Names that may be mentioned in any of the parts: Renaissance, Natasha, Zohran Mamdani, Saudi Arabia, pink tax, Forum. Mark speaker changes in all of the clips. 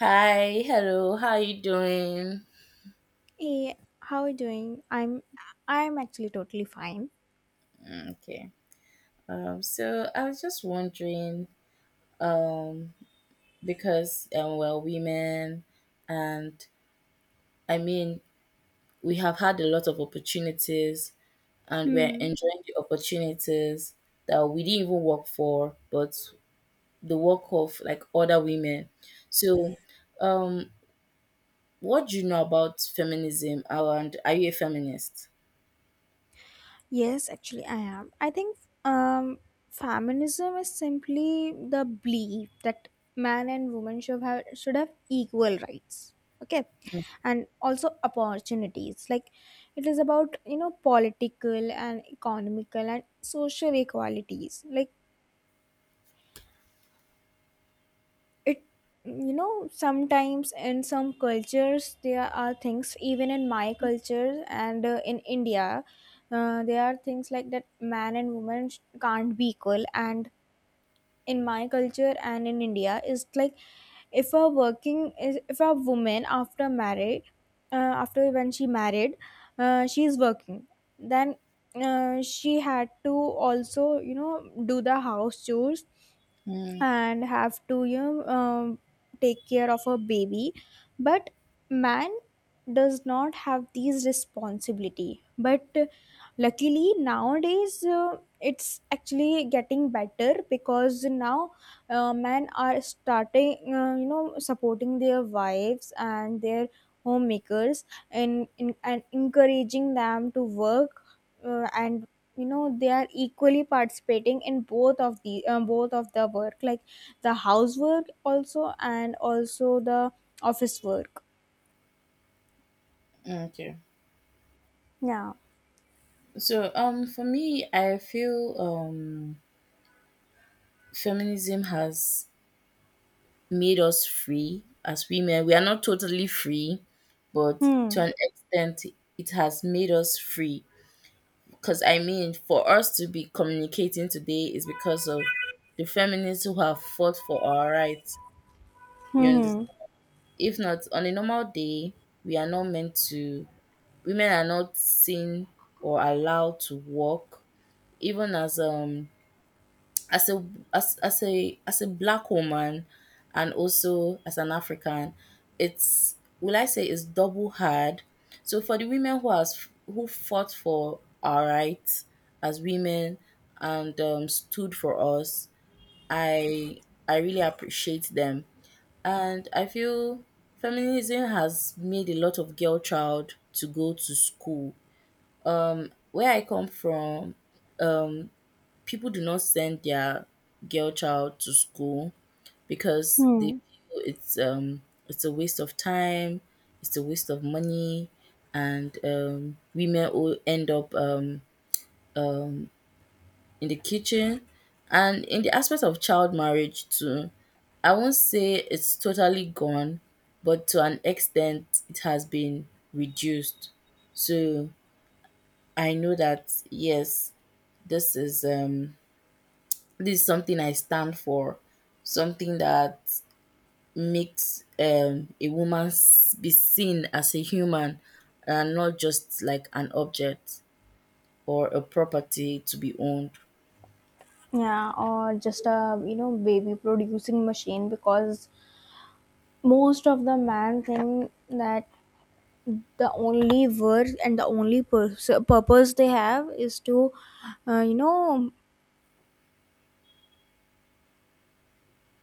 Speaker 1: Hi, hello, how you doing?
Speaker 2: Hey, how are you doing? I'm actually totally fine.
Speaker 1: Okay. So I was just wondering because we're women, and I mean we have had a lot of opportunities, and we're
Speaker 2: Hmm.
Speaker 1: enjoying the opportunities that we didn't even work for, but the work of like other women. So, um, what do you know about feminism? And are you a feminist?
Speaker 2: Yes, actually I am. I think um feminism is simply the belief that man and woman should have equal rights. Okay. And also opportunities. Like it is about, political and economical and social equalities. Like it sometimes in some cultures there are things, even in my culture and in India, there are things like that man and woman can't be equal. And in my culture and in India is like if a woman after married, after when she married, she is working, then she had to also do the house chores
Speaker 1: Mm,
Speaker 2: and have to take care of a baby. But man does not have these responsibility. But luckily nowadays it's actually getting better, because now men are starting, supporting their wives and their homemakers, and encouraging them to work, and they are equally participating in both of the work, like the housework also and also the office work.
Speaker 1: okay.
Speaker 2: Yeah.
Speaker 1: So, for me, I feel feminism has made us free as women. We are not totally free, but to
Speaker 2: Hmm.
Speaker 1: an extent, it has made us free. Because I mean, for us to be communicating today is because of the feminists who have fought for our rights. You
Speaker 2: Hmm.
Speaker 1: understand?
Speaker 2: Hmm.
Speaker 1: If not, on a normal day, we are not meant to, women are not seen or allowed to work, even as as a a black woman and also as an African, it's will I say it's double hard. So for the women who has who fought for our rights as women and stood for us, I I really appreciate them, and I feel feminism has made a lot of girl child to go to school. Where I come from, people do not send their girl child to school because they
Speaker 2: Hmm.
Speaker 1: feel it's a waste of time, it's a waste of money, and women will end up in the kitchen. And in the aspect of child marriage too, I won't say it's totally gone, but to an extent it has been reduced. So I know that yes, this is something I stand for, something that makes a woman be seen as a human and not just like an object or a property to be owned.
Speaker 2: Yeah, or just a baby producing machine, because most of the man think that the only work and the only purpose they have is to uh, you know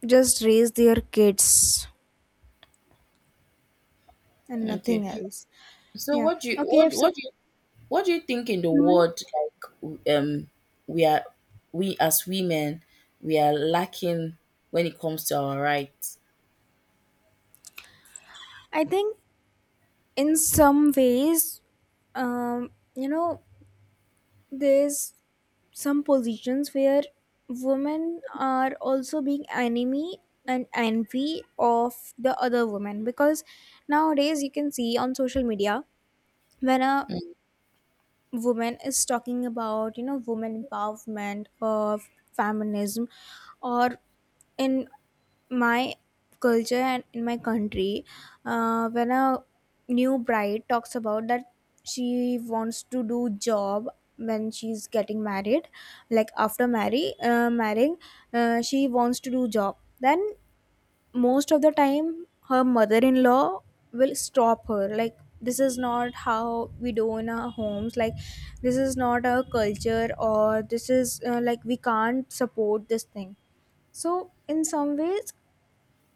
Speaker 2: just raise their kids and
Speaker 1: Okay.
Speaker 2: nothing else.
Speaker 1: So
Speaker 2: Yeah. Okay, so
Speaker 1: what do you think in the
Speaker 2: mm,
Speaker 1: world, like we are, we as women, we are lacking when it comes to our rights?
Speaker 2: I think in some ways, um you know there's some positions where women are also being enemy and envy of the other women, because nowadays you can see on social media, when a woman is talking about women empowerment or feminism, or in my culture and in my country, when a new bride talks about that she wants to do job when she's getting married, like after marrying, she wants to do job, then most of the time her mother-in-law will stop her, like this is not how we do in our homes, like this is not our culture, or this is like we can't support this thing. So in some ways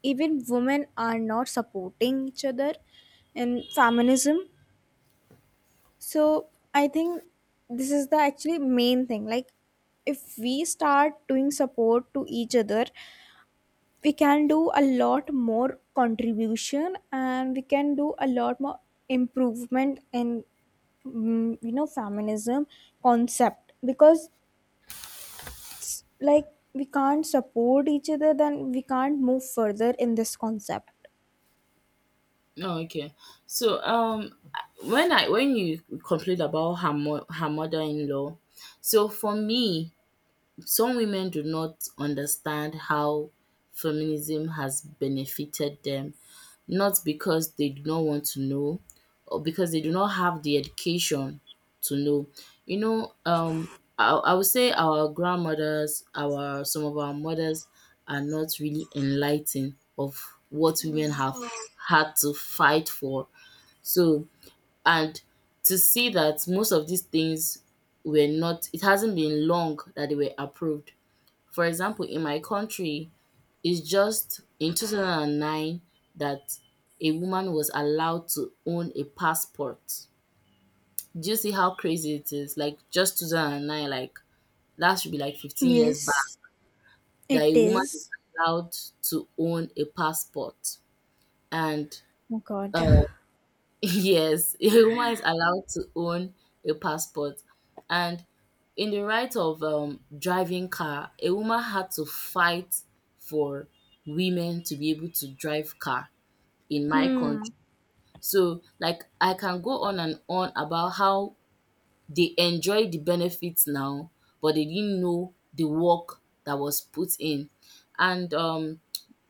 Speaker 2: even women are not supporting each other in feminism. So I think this is the actually main thing, like if we start doing support to each other, we can do a lot more contribution and we can do a lot more improvement in feminism concept, because it's like we can't support each other, then we can't move further in this concept.
Speaker 1: Oh, okay. So when you complained about her her mother in law, so for me, some women do not understand how feminism has benefited them, not because they do not want to know or because they do not have the education to know. You know, I would say our grandmothers, our some of our mothers are not really enlightened of what women have had to fight for. So, and to see that most of these things were not, it hasn't been long that they were approved. For example, in my country, it's just in 2009 that a woman was allowed to own a passport. Do you see how crazy it is? Like just 2009, like that should be like 15 years back,
Speaker 2: Yes,
Speaker 1: that
Speaker 2: it
Speaker 1: a woman is
Speaker 2: is.
Speaker 1: allowed to own a passport. And
Speaker 2: Oh god.
Speaker 1: uh, yes, a woman is allowed to own a passport. And in the right of driving car, a woman had to fight for women to be able to drive car in my
Speaker 2: Hmm.
Speaker 1: country. So, like, I can go on and on about how they enjoy the benefits now, but they didn't know the work that was put in. And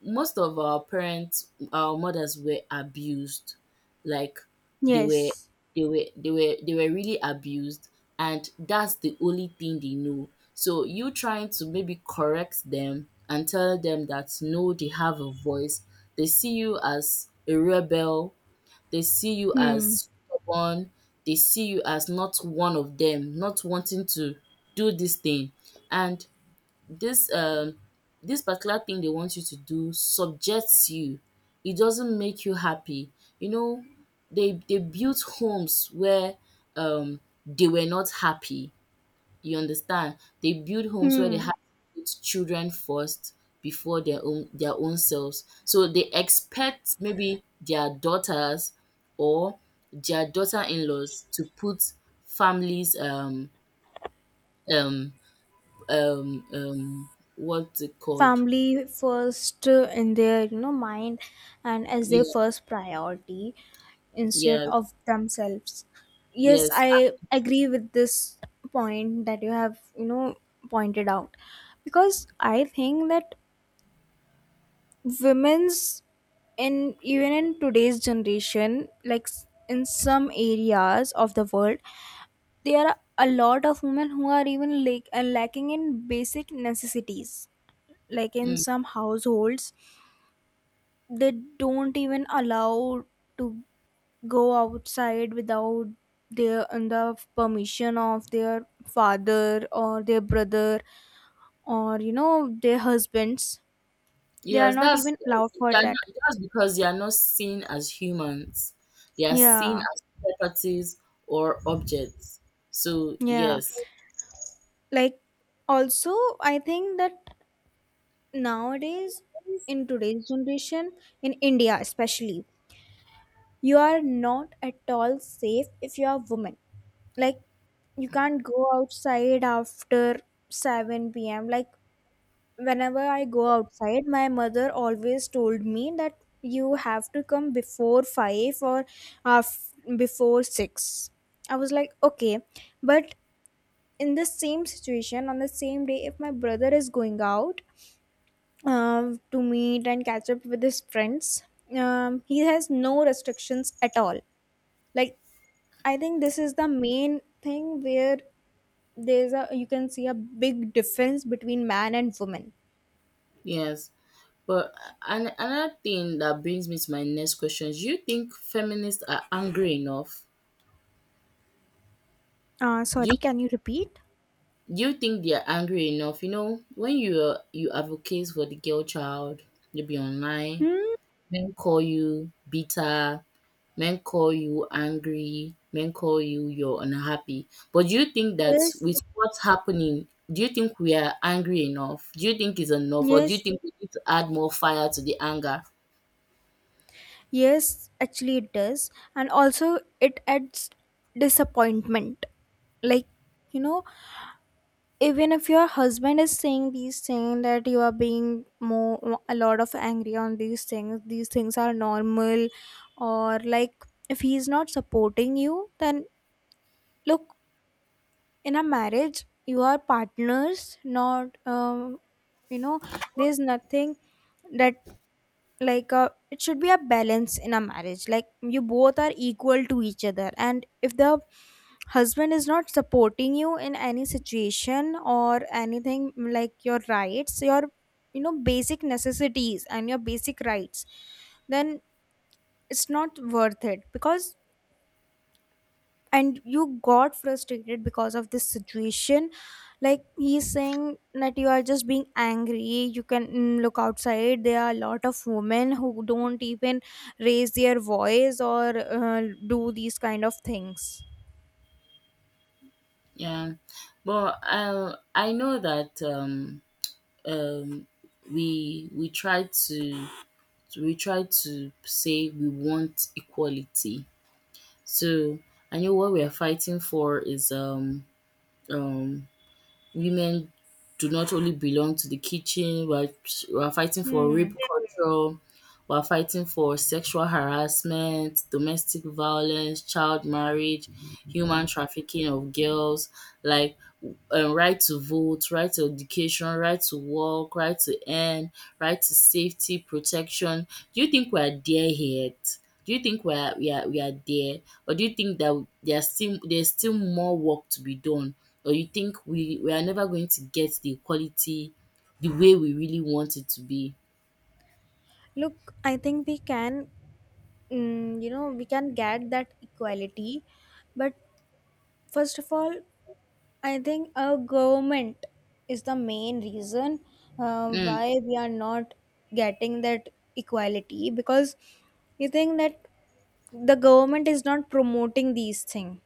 Speaker 1: most of our parents, our mothers were abused. Like they were,
Speaker 2: Yes.
Speaker 1: they were really abused, and that's the only thing they know. So you trying to maybe correct them and tell them that no, they have a voice. They see you as a rebel. They see you
Speaker 2: Hmm.
Speaker 1: as stubborn, they see you as not one of them, not wanting to do this thing. And this this particular thing they want you to do subjects you. It doesn't make you happy. You know, they built homes where um they were not happy. You understand? They build homes where they have
Speaker 2: Hmm.
Speaker 1: to put children first before their own selves. So they expect maybe their daughters or their daughter-in-laws to put families um um um what's it called?
Speaker 2: Family first, in their mind, and as their
Speaker 1: Yeah,
Speaker 2: first priority, instead
Speaker 1: yes,
Speaker 2: of themselves. Yes,
Speaker 1: yes.
Speaker 2: I agree with this point that you have pointed out, because I think that women's in even in today's generation, like in some areas of the world, there are a lot of women who are even like lacking in basic necessities, like in
Speaker 1: Mm.
Speaker 2: some households they don't even allow to go outside without their and the permission of their father or their brother, or their husbands. They are
Speaker 1: Yes,
Speaker 2: not
Speaker 1: that's,
Speaker 2: even allowed for
Speaker 1: they are
Speaker 2: that.
Speaker 1: not, that's because they are not seen as humans. They are seen
Speaker 2: Yeah.
Speaker 1: as properties or objects. So
Speaker 2: Yeah,
Speaker 1: yes.
Speaker 2: like also I think that nowadays in today's generation, in India especially, you are not at all safe if you are a woman. Like, you can't go outside after 7 p.m. Like whenever I go outside, my mother always told me that you have to come before 5 or before 6. I was like okay. But in the same situation on the same day, if my brother is going out to meet and catch up with his friends, he has no restrictions at all. Like, I think this is the main thing where there's a you can see a big difference between man and woman.
Speaker 1: Yes, but another thing that brings me to my next question, do you think feminists are angry enough?
Speaker 2: Uh,
Speaker 1: Do you,
Speaker 2: sorry, can you repeat?
Speaker 1: do you think they are angry enough? You know, when you advocate for the girl child, they be online,
Speaker 2: Hmm.
Speaker 1: men call you bitter, men call you angry, men call you you're unhappy. But do you think that
Speaker 2: Yes.
Speaker 1: with what's happening, do you think we are angry enough? Do you think it's enough, or do you
Speaker 2: Yes.
Speaker 1: think we need to add more fire to the anger?
Speaker 2: Yes. Actually, it does, and also it adds disappointment. Like, you know, even if your husband is saying these things, that you are being more a lot of angry on these things are normal. Or like if he's not supporting you, then look, in a marriage you are partners, not you know there's nothing that like it should be a balance in a marriage. Like you both are equal to each other, and if the husband is not supporting you in any situation or anything, like your rights, your basic necessities and your basic rights, then it's not worth it. Because, and you got frustrated because of this situation, like he's saying that you are just being angry. You can look outside, there are a lot of women who don't even raise their voice or do these kind of things.
Speaker 1: Yeah, but I know that um, we we try to we try to say we want equality. So I know what we are fighting for is um, women do not only belong to the kitchen. We are fighting for rape
Speaker 2: Hmm.
Speaker 1: culture. We are fighting for sexual harassment, domestic violence, child marriage, human trafficking of girls. Like right to vote, right to education, right to work, right to earn, right to safety, protection. Do you think we are there yet? Do you think we are there, or do you think that there's still more work to be done, or you think we are never going to get the equality the way we really want it to be?
Speaker 2: Look, I think we can mm, you know we can get that equality. But first of all, I think our government is the main reason
Speaker 1: Mm,
Speaker 2: why we are not getting that equality, because you think that the government is not promoting these things.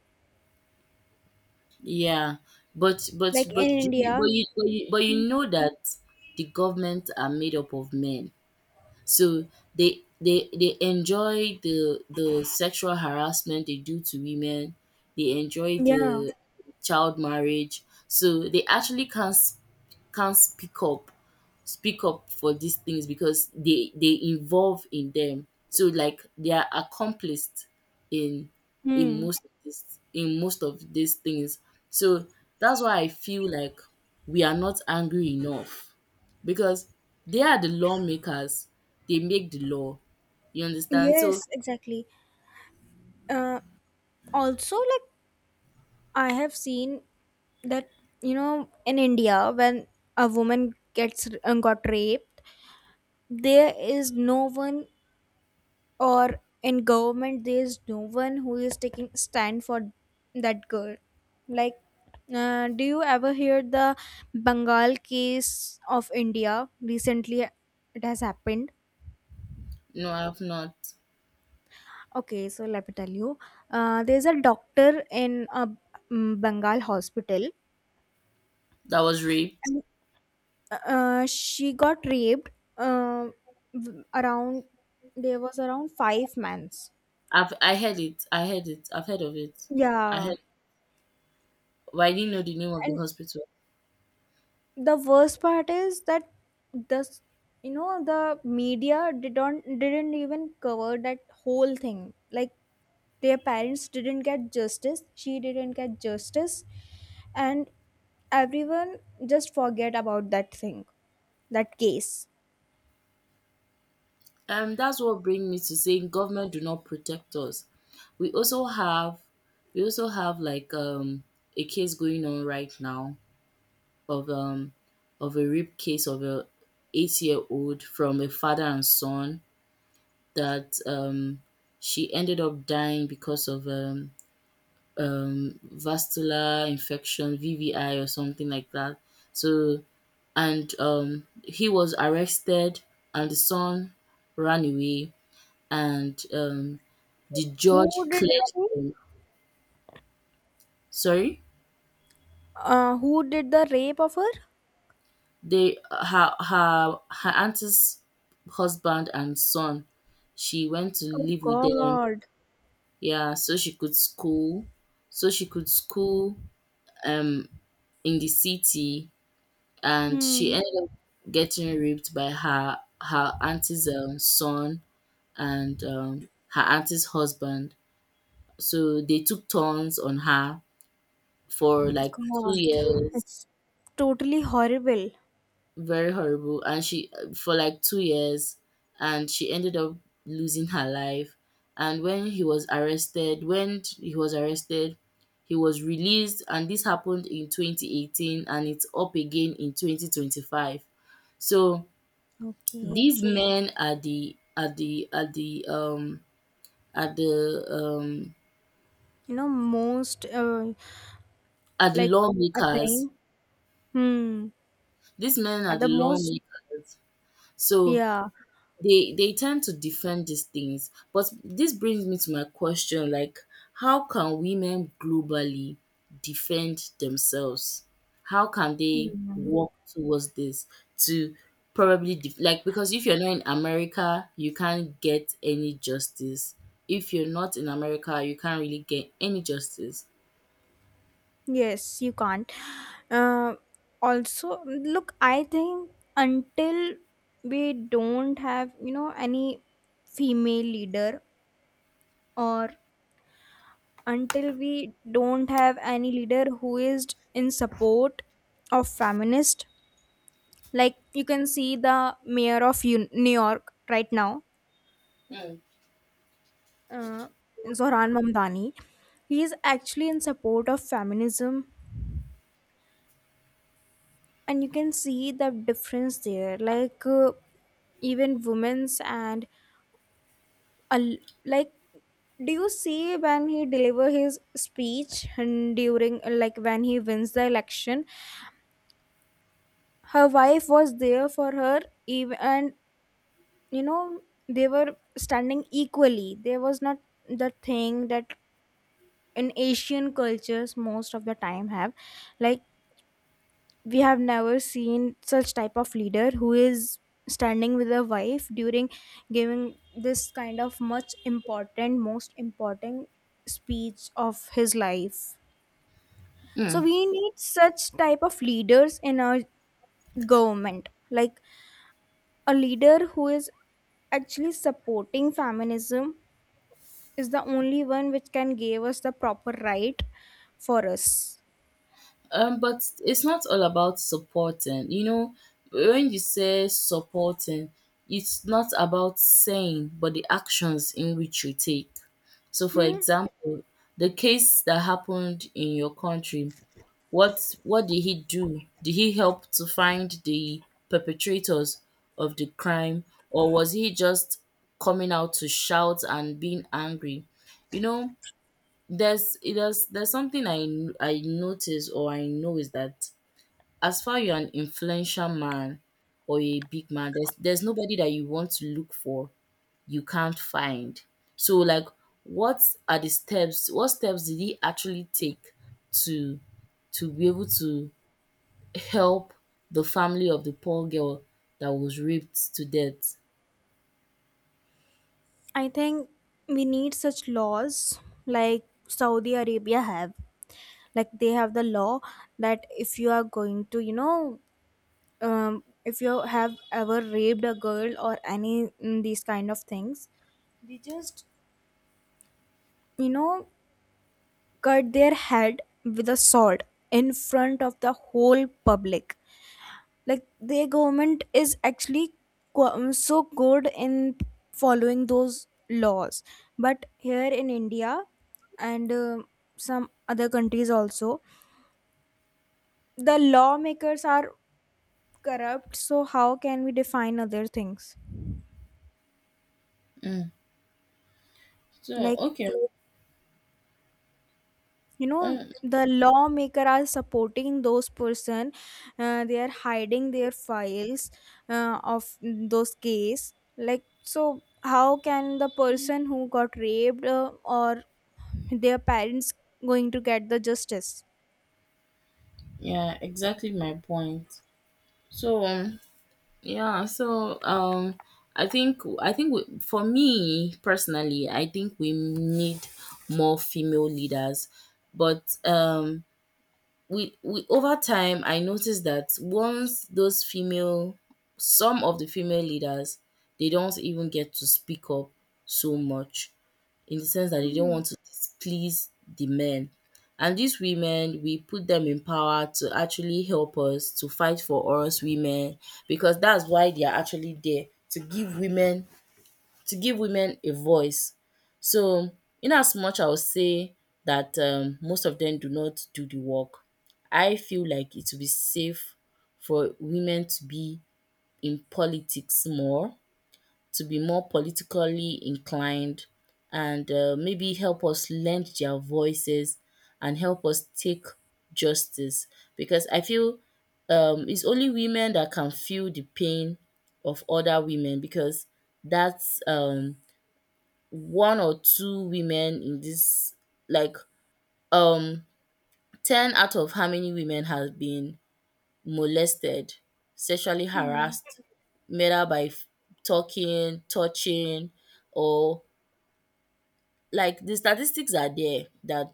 Speaker 1: yeah, but
Speaker 2: Like in India.
Speaker 1: but
Speaker 2: Mm.
Speaker 1: you know that the government are made up of men. So they enjoy the sexual harassment they do to women. They enjoy
Speaker 2: Yeah.
Speaker 1: the child marriage. So they actually can't speak up for these things, because they involve in them, so like they are accomplished in in
Speaker 2: Hmm.
Speaker 1: most of this in most of these things. So that's why I feel like we are not angry enough, because they are the lawmakers, they make the law, you understand? So
Speaker 2: Yes, exactly. Uh, Also, like I have seen that, in India, when a woman gets got raped, there is no one, or in government there is no one who is taking stand for that girl. Like, do you ever hear the Bengal case of India recently? It has happened.
Speaker 1: no, I've not.
Speaker 2: Okay, so let me tell you, there's a doctor in a Bengal hospital,
Speaker 1: That was raped.
Speaker 2: and she got raped, uh, w- around there was around 5 months.
Speaker 1: I heard it, I've heard of it. I
Speaker 2: Yeah.
Speaker 1: heard, but I didn't know the name of the
Speaker 2: And
Speaker 1: hospital.
Speaker 2: the worst part is that this, the media didn't even cover that whole thing. Like, their parents didn't get justice, she didn't get justice, and everyone just forget about that thing, that case.
Speaker 1: That's what brings me to saying government do not protect us. We also have, like a case going on right now of um of a rape case of a 8-year-old from a father and son, that she ended up dying because of vascular infection, VVI or something like that. So, and he was arrested and the son ran away, and the
Speaker 2: Who
Speaker 1: judge
Speaker 2: did the
Speaker 1: cleared
Speaker 2: rape?
Speaker 1: them. Sorry,
Speaker 2: Who did the rape of her?
Speaker 1: they, her her auntie's husband and son. She went to
Speaker 2: Oh
Speaker 1: live with them.
Speaker 2: god.
Speaker 1: Yeah, so she could school, so she could school um in the city, and she
Speaker 2: Hmm.
Speaker 1: ended up getting raped by her auntie's son and her auntie's husband. So they took turns on her for like two
Speaker 2: God,
Speaker 1: years
Speaker 2: it's totally horrible.
Speaker 1: Very horrible, and she for like 2 years, and she ended up losing her life, and when he was arrested, he was released, and this happened in 2018, and it's up again in 2025. So
Speaker 2: Okay.
Speaker 1: these, okay, men are the, are the, um
Speaker 2: Most,
Speaker 1: are the
Speaker 2: like a
Speaker 1: lawmakers.
Speaker 2: thing. Hmm.
Speaker 1: These men are
Speaker 2: At
Speaker 1: the
Speaker 2: the most,
Speaker 1: lawmakers. So,
Speaker 2: yeah.
Speaker 1: they tend to defend these things. But this brings me to my question, like how can women globally defend themselves? How can they
Speaker 2: Hmm.
Speaker 1: work towards this, to probably like, because if you're not in America, you can't get any justice. If you're not in America, you can't really get any justice.
Speaker 2: Yes, you can't. Uh, Also, look, I think, until we don't have, any female leader, or until we don't have any leader who is in support of feminist, like you can see the mayor of New York right now, uh, Zohran Mamdani. He is actually in support of feminism, and you can see the difference there. Like, even women's and a l like, do you see when he deliver his speech, and during, like, when he wins the election, her wife was there for her. Even and you know they were standing equally. There was not the thing that in Asian cultures most of the time have. Like, we have never seen such type of leader who is standing with a wife during giving this kind of much important, most important speech of his life.
Speaker 1: Hmm.
Speaker 2: So we need such type of leaders in our government, like a leader who is actually supporting feminism is the only one which can give us the proper right for us.
Speaker 1: But it's not all about supporting. You know, when you say supporting, it's not about saying, but the actions in which you take. So, for
Speaker 2: Hmm?
Speaker 1: example, the case that happened in your country, what did he do? Did he help to find the perpetrators of the crime, or was he just coming out to shout and being angry? You know, there's something I notice or I know is that, as far you're an influential man or a big man, there's nobody that you want to look for you can't find. So like what what steps did he actually take to be able to help the family of the poor girl that was raped to death?
Speaker 2: I think we need such laws like Saudi Arabia have. Like they have the law that, if you are going to, if you have ever raped a girl or any, these kind of things, they just, you know, cut their head with a sword in front of the whole public. Like, their government is actually so good in following those laws. But here in India, and some other countries also, the lawmakers are corrupt, so how can we define other things?
Speaker 1: Mm. So
Speaker 2: Like,
Speaker 1: okay,
Speaker 2: you know
Speaker 1: um,
Speaker 2: the lawmaker are supporting those person, they are hiding their files, of those case. Like, so how can the person who got raped, or their parents, going to get the justice?
Speaker 1: yeah, exactly my point. So yeah, so I think we, for me personally, I think we need more female leaders. But we over time I noticed that once those female some of the female leaders, they don't even get to speak up so much, in the sense that they don't
Speaker 2: Hmm.
Speaker 1: want to displease the men. And these women, we put them in power to actually help us, to fight for us women, because that's why they are actually there to give women, a voice. So in as much I would say that most of them do not do the work. I feel like it would be safe for women to be in politics more, to be more politically inclined, and maybe help us lend their voices and help us take justice, because I feel it's only women that can feel the pain of other women, because that's one or two women in this, like um 10 out of how many women have been molested, sexually
Speaker 2: Hmm.
Speaker 1: harassed, whether by talking, touching, or, like, the statistics are there that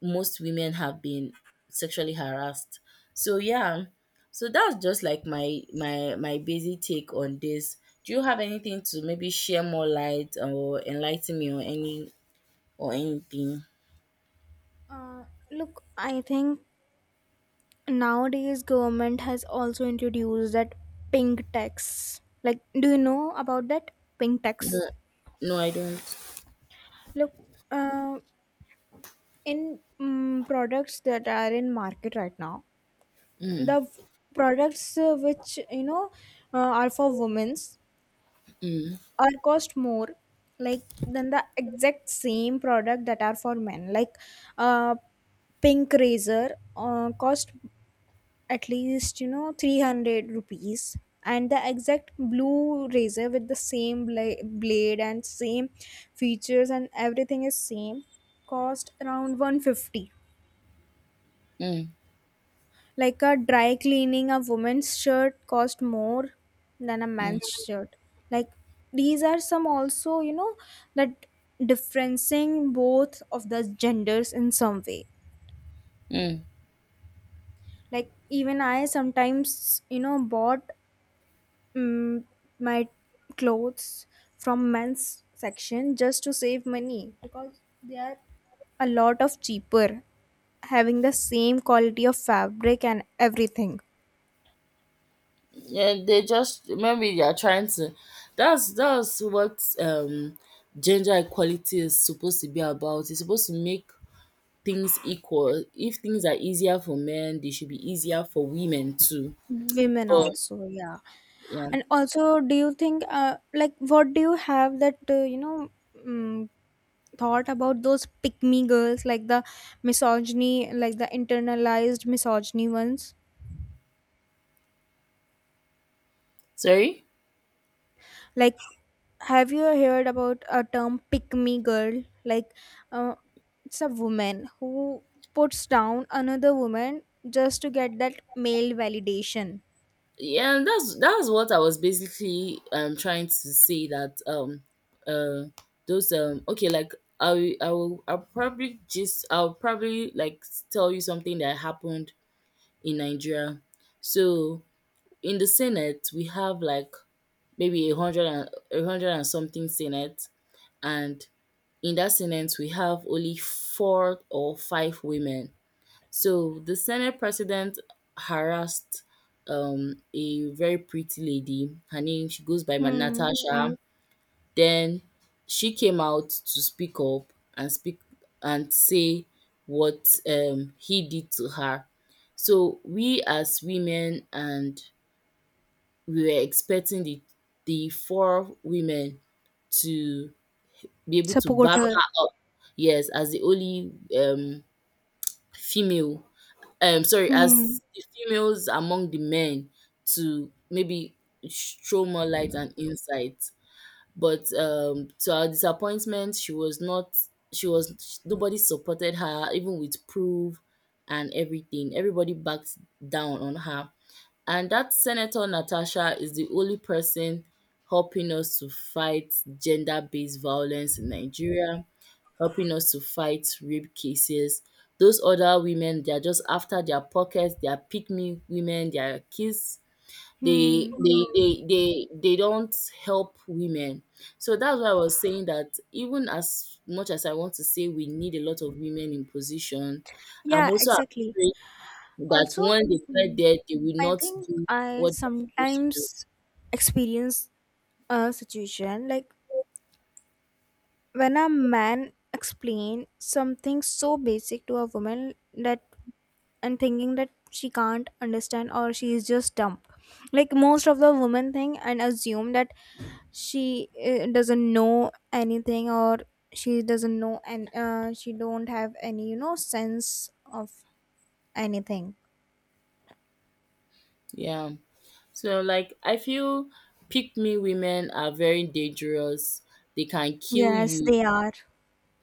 Speaker 1: most women have been sexually harassed. So yeah, so that's just like my basic take on this. Do you have anything to maybe share more light or enlighten me on, any, or anything?
Speaker 2: uh, Look, I think nowadays government has also introduced that pink tax, like, do you know about that pink tax?
Speaker 1: No, I don't.
Speaker 2: Look, uh, in, products that are in market right now, the products, which, are for women's, are cost more, like than the exact same product that are for men. Like, uh pink razor cost at least, 300 rupees, and the exact blue razor with the same blade and same features and everything is same, cost around 150.
Speaker 1: Mm.
Speaker 2: Like a dry cleaning, a woman's shirt cost more than a
Speaker 1: Mm.
Speaker 2: man's shirt. Like, these are some also, that differencing both of the genders in some way.
Speaker 1: Mm.
Speaker 2: Like, even I sometimes, bought, mm my clothes from men's section just to save money, because they are a lot of cheaper, having the same quality of fabric and everything.
Speaker 1: Yeah, they just, maybe they are trying to, that's what, gender equality is supposed to be about. It's supposed to make things equal. If things are easier for men, they should be easier for women too.
Speaker 2: Women
Speaker 1: But
Speaker 2: also, yeah.
Speaker 1: yeah.
Speaker 2: And also, do you think, like, what do you have that, um, thought about those pick me girls, like the misogyny, like the internalized misogyny ones?
Speaker 1: Sorry.
Speaker 2: Like, have you heard about a term pick me girl? Like, uh, it's a woman who puts down another woman just to get that male validation.
Speaker 1: Yeah, and that's what I was basically trying to say, that, uh those, okay, like, I'll probably, like, tell you something that happened in Nigeria. So in the Senate we have, like, maybe a hundred and something Senate, and in that Senate, we have only four or five women. So the Senate president harassed a very pretty lady. Her name, she goes by
Speaker 2: Hmm.
Speaker 1: Natasha. Mhm. Then she came out to speak up and speak and say what he did to her. So we, as women, and we were expecting the four women to be able to
Speaker 2: Support
Speaker 1: back
Speaker 2: her.
Speaker 1: her up. Yes, as the only female, sorry,
Speaker 2: Hmm.
Speaker 1: as the females among the men, to maybe throw more light and insight. But to our disappointment, she was not she was nobody supported her, even with proof and everything. Everybody backed down on her. And that Senator Natasha is the only person helping us to fight gender based violence in Nigeria, helping us to fight rape cases. Those other women, they are just after their pockets. They are pick me women. They are kids. They
Speaker 2: Hmm.
Speaker 1: they, they they they don't help women. So that's why I was saying that, even as much as I want to say we need a lot of women in position, I'm
Speaker 2: Yeah,
Speaker 1: also
Speaker 2: exactly.
Speaker 1: afraid that
Speaker 2: Also,
Speaker 1: when they get there, they will
Speaker 2: I
Speaker 1: not
Speaker 2: think
Speaker 1: do
Speaker 2: I
Speaker 1: what they're supposed to do.
Speaker 2: sometimes experience a situation, like when a man explain something so basic to a woman, that and thinking that she can't understand or she is just dumb. Like, most of the women think and assume that she doesn't know anything, or she doesn't know, and she don't have any sense of anything.
Speaker 1: Yeah. So, like, I feel pick me women are very dangerous. They can kill
Speaker 2: Yes,
Speaker 1: you.
Speaker 2: they are.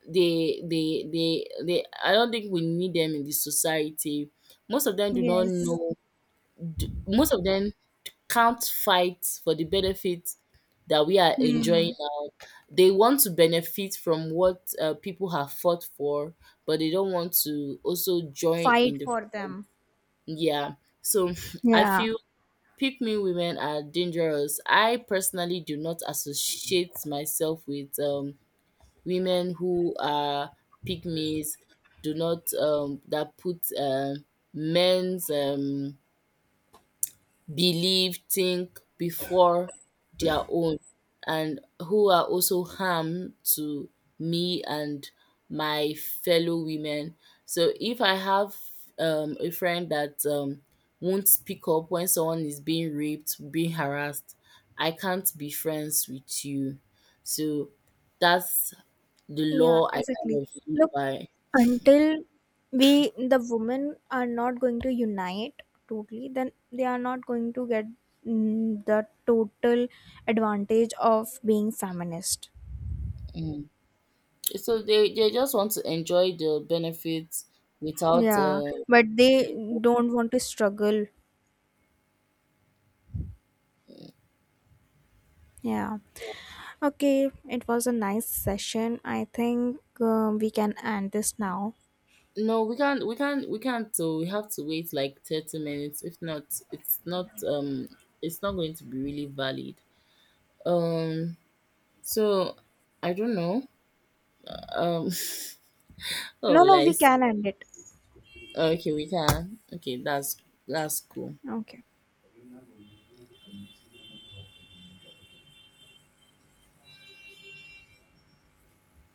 Speaker 1: They I don't think we need them in the society. Most of them do not
Speaker 2: Yes.
Speaker 1: know. Most of them can't fight for the benefits that we are enjoying
Speaker 2: Hmm.
Speaker 1: now. They want to benefit from what people have fought for, but they don't want to also join in
Speaker 2: Fight
Speaker 1: the,
Speaker 2: for them.
Speaker 1: yeah. So I
Speaker 2: Yeah.
Speaker 1: feel pick me women are dangerous. I personally do not associate myself with women who are pygmies, do not that put men's belief, think before their own, and who are also harm to me and my fellow women. So if I have a friend that won't speak up when someone is being raped, being harassed, I can't be friends with you. So that's the
Speaker 2: Yeah,
Speaker 1: law I kind
Speaker 2: exactly.
Speaker 1: of live
Speaker 2: Look,
Speaker 1: by.
Speaker 2: until we the women are not going to unite totally, then they are not going to get the total advantage of being feminist.
Speaker 1: Mm. So they just want to enjoy the benefits without
Speaker 2: Yeah,
Speaker 1: uh,
Speaker 2: but they
Speaker 1: the,
Speaker 2: don't want to struggle. Yeah. Okay, it was a nice session. I think we can end this now.
Speaker 1: no, we can't, we can't, we can't, so we have to wait like 30 minutes. If not, it's not it's not going to be really valid. Um so I don't know. Um oh,
Speaker 2: No, no, we can end it.
Speaker 1: okay, we can. Okay, that's cool.
Speaker 2: Okay.